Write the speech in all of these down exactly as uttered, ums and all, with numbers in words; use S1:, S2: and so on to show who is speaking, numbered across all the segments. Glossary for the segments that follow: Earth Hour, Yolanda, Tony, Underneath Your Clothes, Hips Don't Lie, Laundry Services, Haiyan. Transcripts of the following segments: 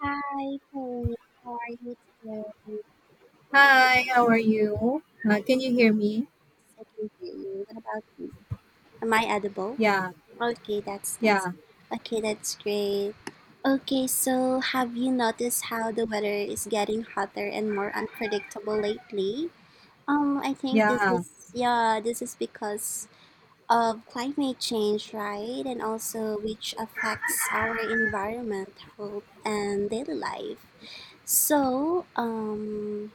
S1: Hi, Tony. How are you today? Yes,
S2: Hi, how are you? Uh, can you hear me?
S1: I can hear you. What about you? Am I edible?
S2: Yeah,
S1: Okay, that's nice.
S2: yeah,
S1: Okay, that's great. Okay, so have you noticed how the weather is getting hotter and more unpredictable lately? Um, I think this
S2: yeah.
S1: is, yeah, this is because of climate change, right? And also which affects our environment, health, and daily life. So, um,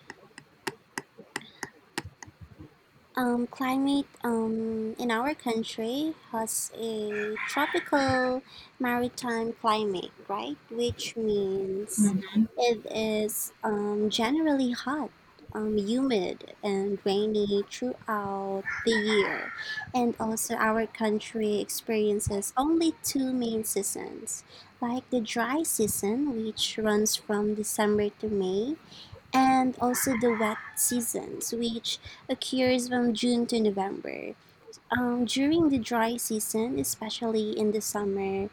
S1: Um, climate um, in our country has a tropical maritime climate, right? Which means
S2: Mhm.
S1: it is um, generally hot, um, humid, and rainy throughout the year. And also, our country experiences only two main seasons, like the dry season, which runs from December to May, and also the wet seasons, which occurs from June to November. Um, during the dry season, especially in the summer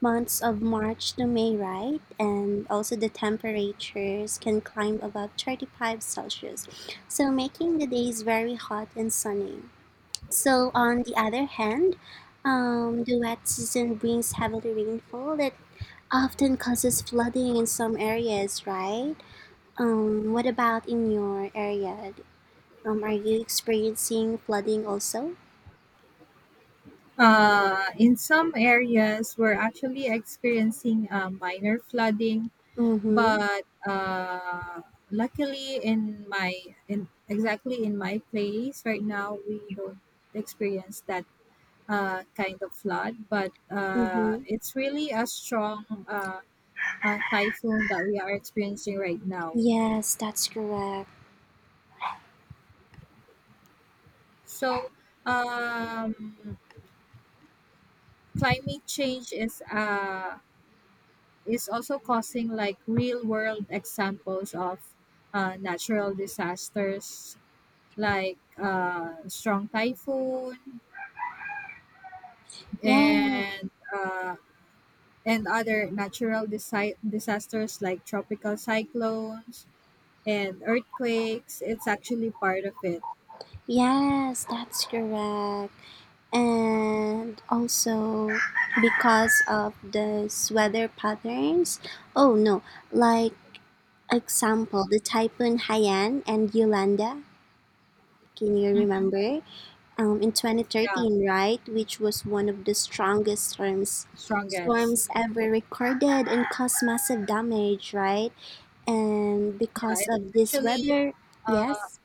S1: months of March to May, right? And also the temperatures can climb above thirty-five Celsius, so making the days very hot and sunny. So, on the other hand, um, the wet season brings heavy rainfall that often causes flooding in some areas, right? Um, what about in your area? Um, are you experiencing flooding also?
S2: Uh, in some areas, we're actually experiencing uh, minor flooding,
S1: Mm-hmm.
S2: but uh, luckily, in my in exactly in my place right now, we don't experience that uh, kind of flood. But uh,
S1: Mm-hmm.
S2: it's really a strong uh, uh, typhoon that we are experiencing right now.
S1: Yes, that's correct.
S2: So um climate change is uh, is also causing like real world examples of uh, natural disasters like uh, strong typhoon
S1: Yes,
S2: and uh, and other natural disi- disasters like tropical cyclones and earthquakes. It's actually part of it.
S1: yes, that's correct. And also because of these weather patterns. Oh no, like example, the typhoon Haiyan and Yolanda. Can you
S2: Mm,
S1: remember? Um, in
S2: yeah,
S1: twenty thirteen, right, which was one of the strongest storms
S2: strongest.
S1: storms ever recorded, and caused massive damage, right? And
S2: Yeah,
S1: because
S2: it
S1: of this
S2: actually
S1: weather,
S2: uh,
S1: yes,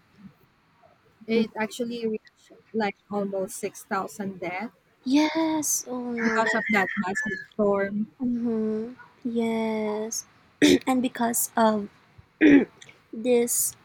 S2: it actually reached like almost six thousand deaths
S1: yes, oh no,
S2: because
S1: that,
S2: of that massive storm.
S1: mm-hmm, yes, and because of this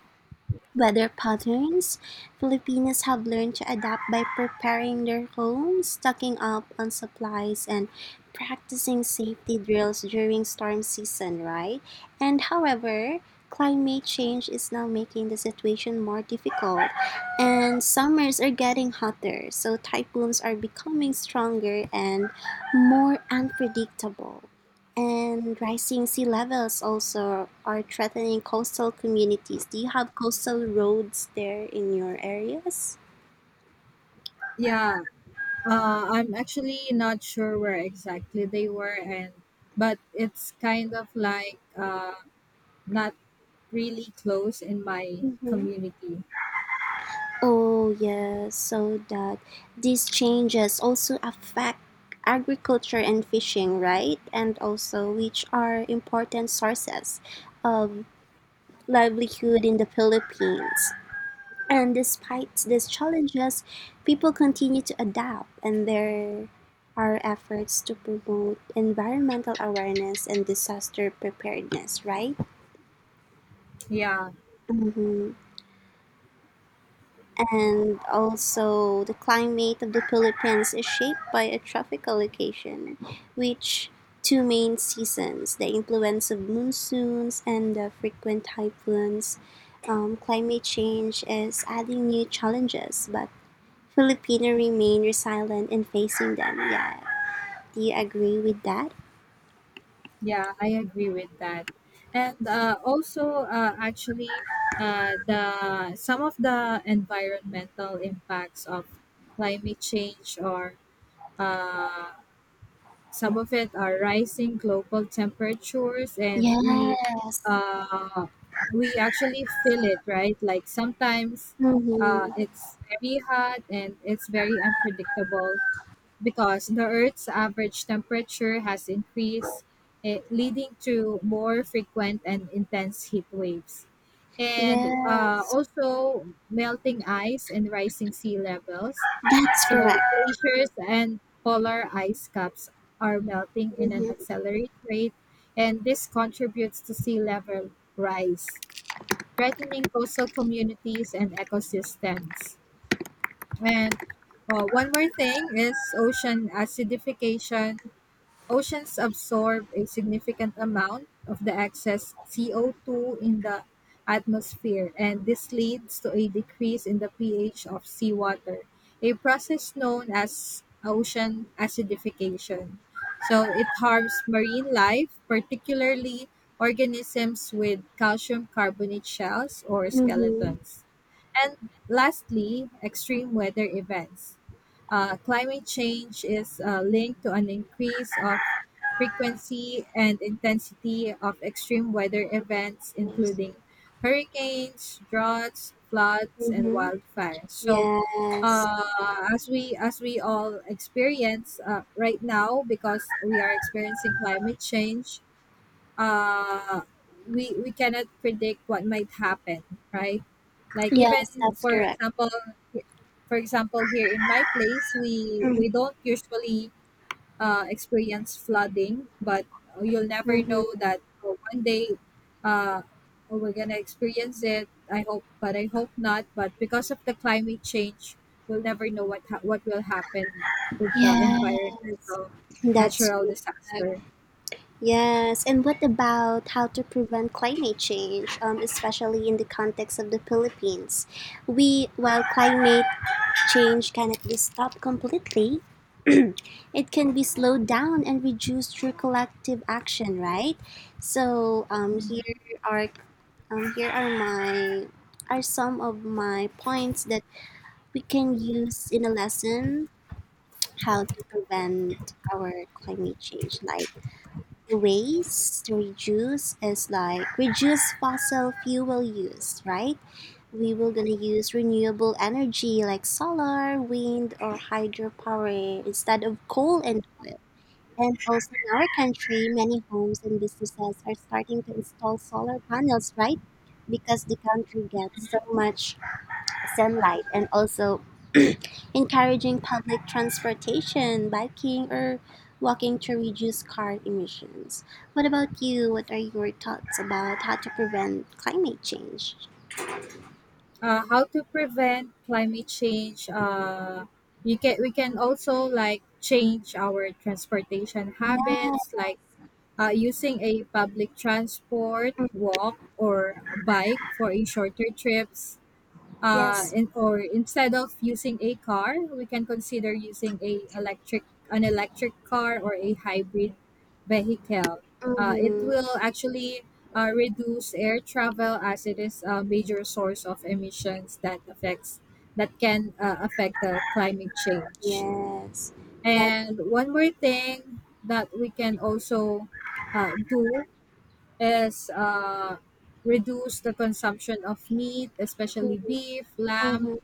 S1: weather patterns, Filipinos have learned to adapt by preparing their homes, stocking up on supplies, and practicing safety drills during storm season, right? And however, climate change is now making the situation more difficult, and summers are getting hotter, so typhoons are becoming stronger and more unpredictable. And rising sea levels also are threatening coastal communities. Do you have coastal roads there in your areas?
S2: Yeah, uh, I'm actually not sure where exactly they were, and but it's kind of like uh, not really close in my
S1: Mm-hmm.
S2: community.
S1: Oh, yes. So that these changes also affect agriculture and fishing, right? And also, which are important sources of livelihood in the Philippines. And despite these challenges, people continue to adapt, and there are efforts to promote environmental awareness and disaster preparedness, right?
S2: Yeah,
S1: Hmm. And also, the climate of the Philippines is shaped by a tropical location, which two main seasons, the influence of monsoons and the frequent typhoons. Um, climate change is adding new challenges, but Filipino remain resilient in facing them, yeah. Do you agree with that?
S2: yeah, I agree with that. And uh, also, uh, actually, uh, the some of the environmental impacts of climate change or uh, some of it are rising global temperatures, and we
S1: Yes.
S2: uh, we actually feel it, right? Like sometimes uh,
S1: Mhm.
S2: it's very hot and it's very unpredictable because the Earth's average temperature has increased, eh, leading to more frequent and intense heat waves. And uh,
S1: Yes.
S2: also melting ice and rising sea levels.
S1: That's
S2: So,
S1: correct.
S2: glaciers and polar ice caps are melting in an
S1: Mhm.
S2: accelerated rate, and this contributes to sea level rise, threatening coastal communities and ecosystems. And uh, one more thing is ocean acidification. Oceans absorb a significant amount of the excess C O two in the atmosphere, and this leads to a decrease in the pH of seawater, a process known as ocean acidification. So it harms marine life, particularly organisms with calcium carbonate shells or
S1: Mhm.
S2: skeletons. And lastly, extreme weather events. Uh, climate change is uh, linked to an increase of frequency and intensity of extreme weather events,
S1: Yes.
S2: including hurricanes, droughts, floods, and
S1: Mhm.
S2: wildfires. So,
S1: Yes.
S2: uh, as we as we all experience uh, right now, because we are experiencing climate change, uh we we cannot predict what might happen, right? Like even
S1: Yes, that's
S2: for
S1: correct.
S2: example for example, here in my place, we we don't usually uh experience flooding, but you'll never
S1: Mm-hmm.
S2: know that. Oh, one day, uh oh, we're gonna experience it. I hope, but I hope not. But because of the climate change, we'll never know what ha- what will happen with the
S1: Yes.
S2: environmental
S1: That's
S2: natural
S1: correct.
S2: disaster.
S1: Yes. And what about how to prevent climate change, um, especially in the context of the Philippines? We, while climate change cannot be stopped completely, it can be slowed down and reduced through collective action, right? So um, here are um, here are my are some of my points that we can use in a lesson how to prevent our climate change. Like the ways to reduce is like reduce fossil fuel use, right? We will gonna use renewable energy like solar, wind, or hydropower instead of coal and oil, and also in our country, many homes and businesses are starting to install solar panels, right? Because the country gets so much sunlight, and also encouraging public transportation, biking, or walking to reduce car emissions. What about you? What are your thoughts about how to prevent climate change?
S2: Uh, how to prevent climate change? uh, you can We can also like change our transportation
S1: Yeah.
S2: habits, like uh, using a public transport, walk or bike for a shorter trips, uh,
S1: Yes.
S2: in, or instead of using a car, we can consider using a electric an electric car or a hybrid vehicle. Uh, it
S1: Mm-hmm.
S2: will actually uh, reduce air travel as it is a major source of emissions that affects that can uh, affect the climate change.
S1: Yes. That's,
S2: And one more thing that we can also uh, do is uh, reduce the consumption of meat, especially beef, lamb,
S1: mm-hmm.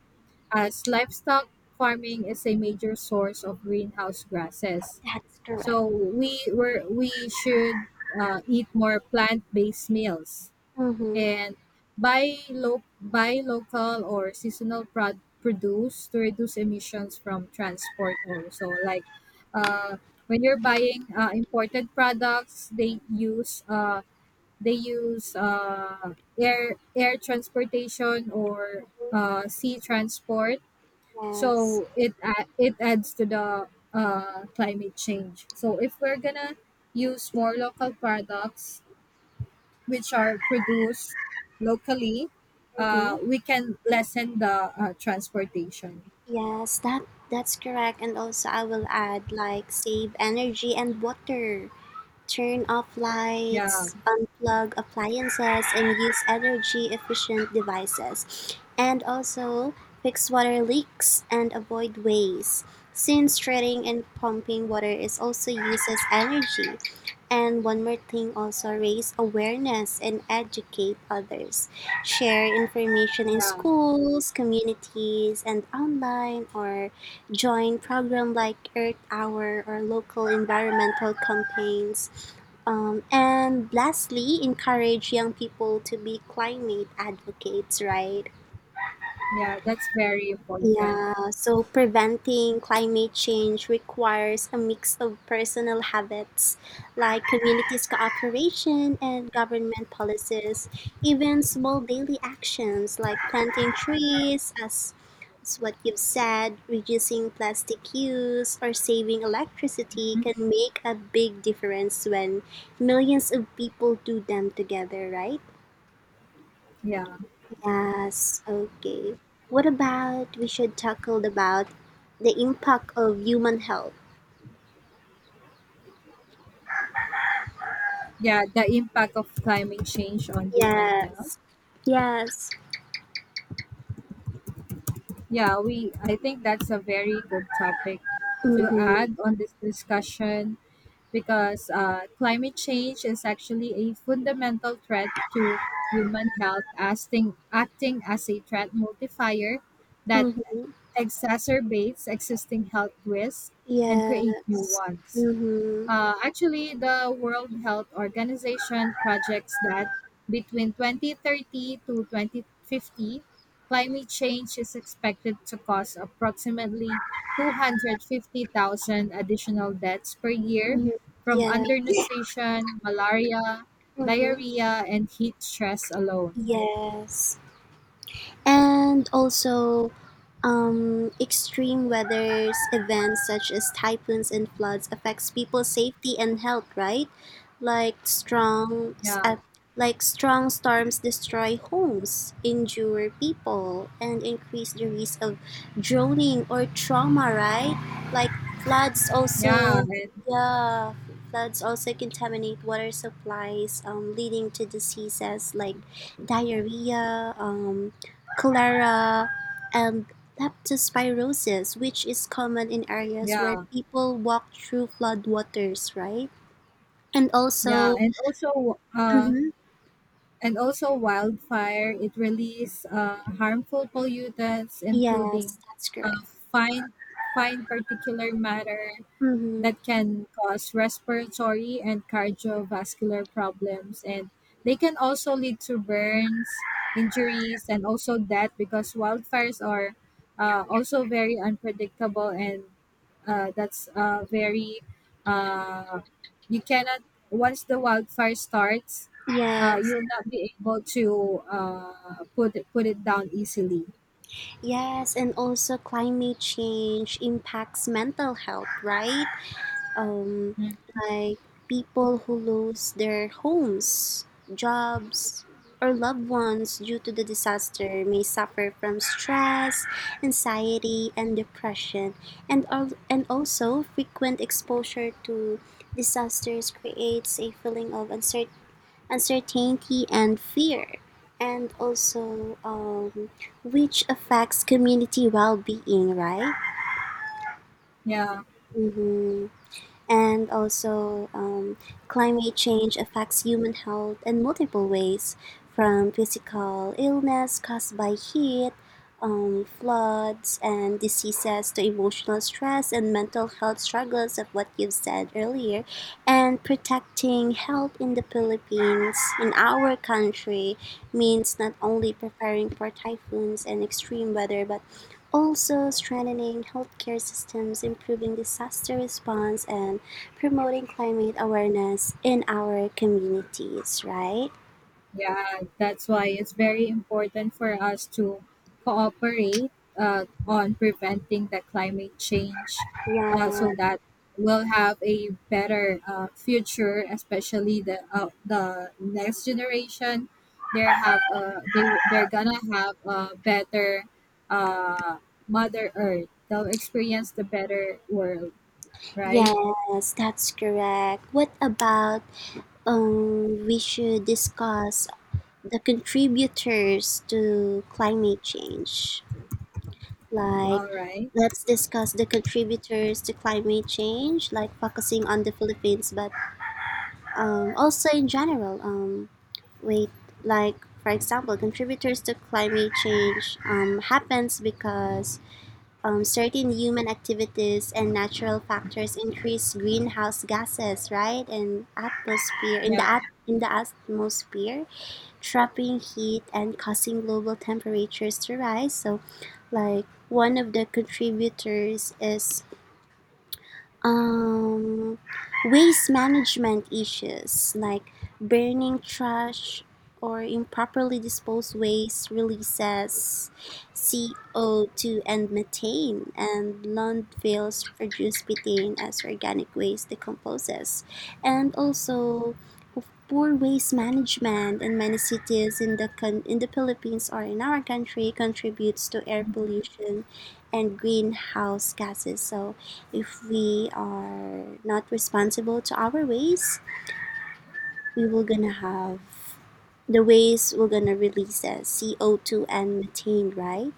S2: as livestock farming is a major source of greenhouse gases.
S1: That's correct.
S2: So we were we should uh, eat more plant-based meals
S1: Mm-hmm.
S2: and buy lo- buy local or seasonal prod- produce to reduce emissions from transport. Also, like uh, when you're buying uh, imported products, they use uh, they use uh, air air transportation or uh, sea transport,
S1: Yes.
S2: so it a- it adds to the uh, climate change. So if we're gonna use more local products which are produced locally, uh,
S1: Mm-hmm.
S2: we can lessen the uh, transportation.
S1: Yes, that that's correct. And also I will add like save energy and water. Turn off
S2: Yeah,
S1: lights, unplug appliances, and use energy efficient devices. And also fix water leaks and avoid waste, since treating and pumping water is also uses energy. And one more thing, also raise awareness and educate others. Share information in
S2: yeah,
S1: schools, communities, and online, or join program like Earth Hour or local environmental campaigns. Um, and lastly, encourage young people to be climate advocates, right?
S2: yeah, that's very important.
S1: Yeah, so preventing climate change requires a mix of personal habits like communities cooperation and government policies, even small daily actions like planting trees, as as what you've said, reducing plastic use or saving electricity
S2: Hmm,
S1: can make a big difference when millions of people do them together, right?
S2: yeah.
S1: Yes, okay. What about we should tackle about the impact of human health?
S2: Yeah, the impact of climate change on human health.
S1: Yes, yes.
S2: Yeah, we I think that's a very good topic to
S1: Mm-hmm.
S2: add on this discussion, because uh, climate change is actually a fundamental threat to human health, acting, acting as a threat multiplier that
S1: Mm-hmm.
S2: exacerbates existing health risks and create new
S1: Yes.
S2: ones.
S1: Mm-hmm.
S2: Uh, actually, the World Health Organization projects that between twenty thirty to twenty fifty, climate change is expected to cause approximately two hundred fifty thousand additional deaths per year
S1: Mm-hmm.
S2: from
S1: Yeah.
S2: undernutrition, malaria,
S1: Mm-hmm.
S2: diarrhea, and heat stress alone.
S1: Yes. And also um, extreme weather events such as typhoons and floods affects people's safety and health, right? Like strong
S2: Yeah,
S1: uh, like strong storms destroy homes, injure people, and increase the risk of drowning or trauma, right? Like floods
S2: yeah,
S1: also,
S2: and
S1: yeah, floods also contaminate water supplies, um, leading to diseases like diarrhea, um, cholera, and leptospirosis, which is common in areas where
S2: yeah,
S1: people walk through floodwaters, right? And
S2: yeah.
S1: also,
S2: And also, uh,
S1: hmm,
S2: and also wildfire. It releases uh, harmful pollutants, including
S1: yes, that's
S2: uh,
S1: correct.
S2: fine fine particular matter
S1: Hmm.
S2: that can cause respiratory and cardiovascular problems, and they can also lead to burns, injuries, and also death, because wildfires are uh, also very unpredictable and uh, that's uh, very uh, you cannot— once the wildfire starts, uh,
S1: Yes,
S2: you will not be able to uh, put it, put it down easily.
S1: yes, and also climate change impacts mental health, right? um, like people who lose their homes, jobs, or loved ones due to the disaster may suffer from stress, anxiety, and depression. And, al- and also, frequent exposure to disasters creates a feeling of uncer- uncertainty and fear. And also, um, which affects community well being, right?
S2: Yeah.
S1: Mm-hmm. And also um, climate change affects human health in multiple ways, from physical illness caused by heat, um, floods and diseases, to emotional stress and mental health struggles of what you've said earlier. And protecting health in the Philippines in our country means not only preparing for typhoons and extreme weather, but also strengthening healthcare systems, improving disaster response, and promoting climate awareness in our communities, right?
S2: Yeah, that's why it's very important for us to cooperate uh, on preventing the climate change, uh,
S1: Yeah,
S2: so that we'll have a better uh, future, especially the uh, the next generation. They have uh, they they're gonna have a better uh, Mother Earth. They'll experience the better world, right?
S1: yes, that's correct. What about um, we should discuss the contributors to climate change? Like,
S2: All right.
S1: let's discuss the contributors to climate change, like focusing on the Philippines, but um, also in general. Um, Wait, like, for example, contributors to climate change um, happens because um, certain human activities and natural factors increase greenhouse gases, right? And atmosphere in
S2: Yeah.
S1: the at in the atmosphere, trapping heat and causing global temperatures to rise. So, like one of the contributors is um, waste management issues like burning trash or improperly disposed waste releases C O two and methane, and landfills produce methane as organic waste decomposes. And also, of poor waste management in many cities in the con- in the Philippines or in our country contributes to air pollution and greenhouse gases. So if we are not responsible to our ways, we will gonna have the ways will gonna release as C O two and methane, right?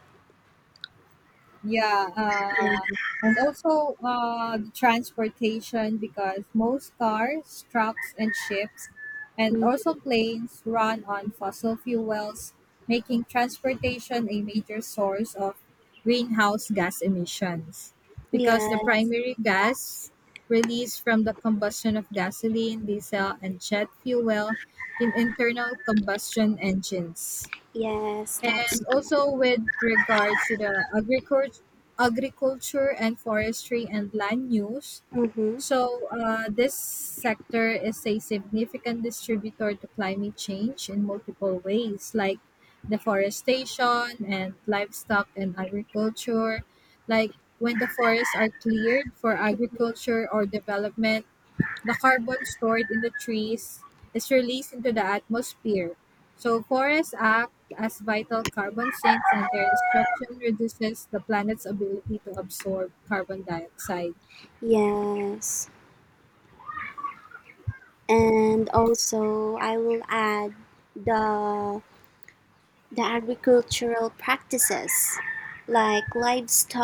S2: Yeah, uh,
S1: Yeah.
S2: and also uh, the transportation, because most cars, trucks, and ships, and also
S1: Mhm.
S2: planes run on fossil fuels, making transportation a major source of greenhouse gas emissions. Because
S1: Yeah.
S2: the primary gas released from the combustion of gasoline, diesel, and jet fuel in internal combustion engines.
S1: Yes, that's
S2: And
S1: true.
S2: also with regards to the agriculture, agriculture and forestry and land use.
S1: Mm-hmm.
S2: So uh, this sector is a significant distributor to climate change in multiple ways, like deforestation and livestock and agriculture. Like when the forests are cleared for agriculture or development, the carbon stored in the trees is released into the atmosphere. So forests act as vital carbon sinks and their destruction reduces the planet's ability to absorb carbon dioxide.
S1: Yes. And also, I will add the the agricultural practices like livestock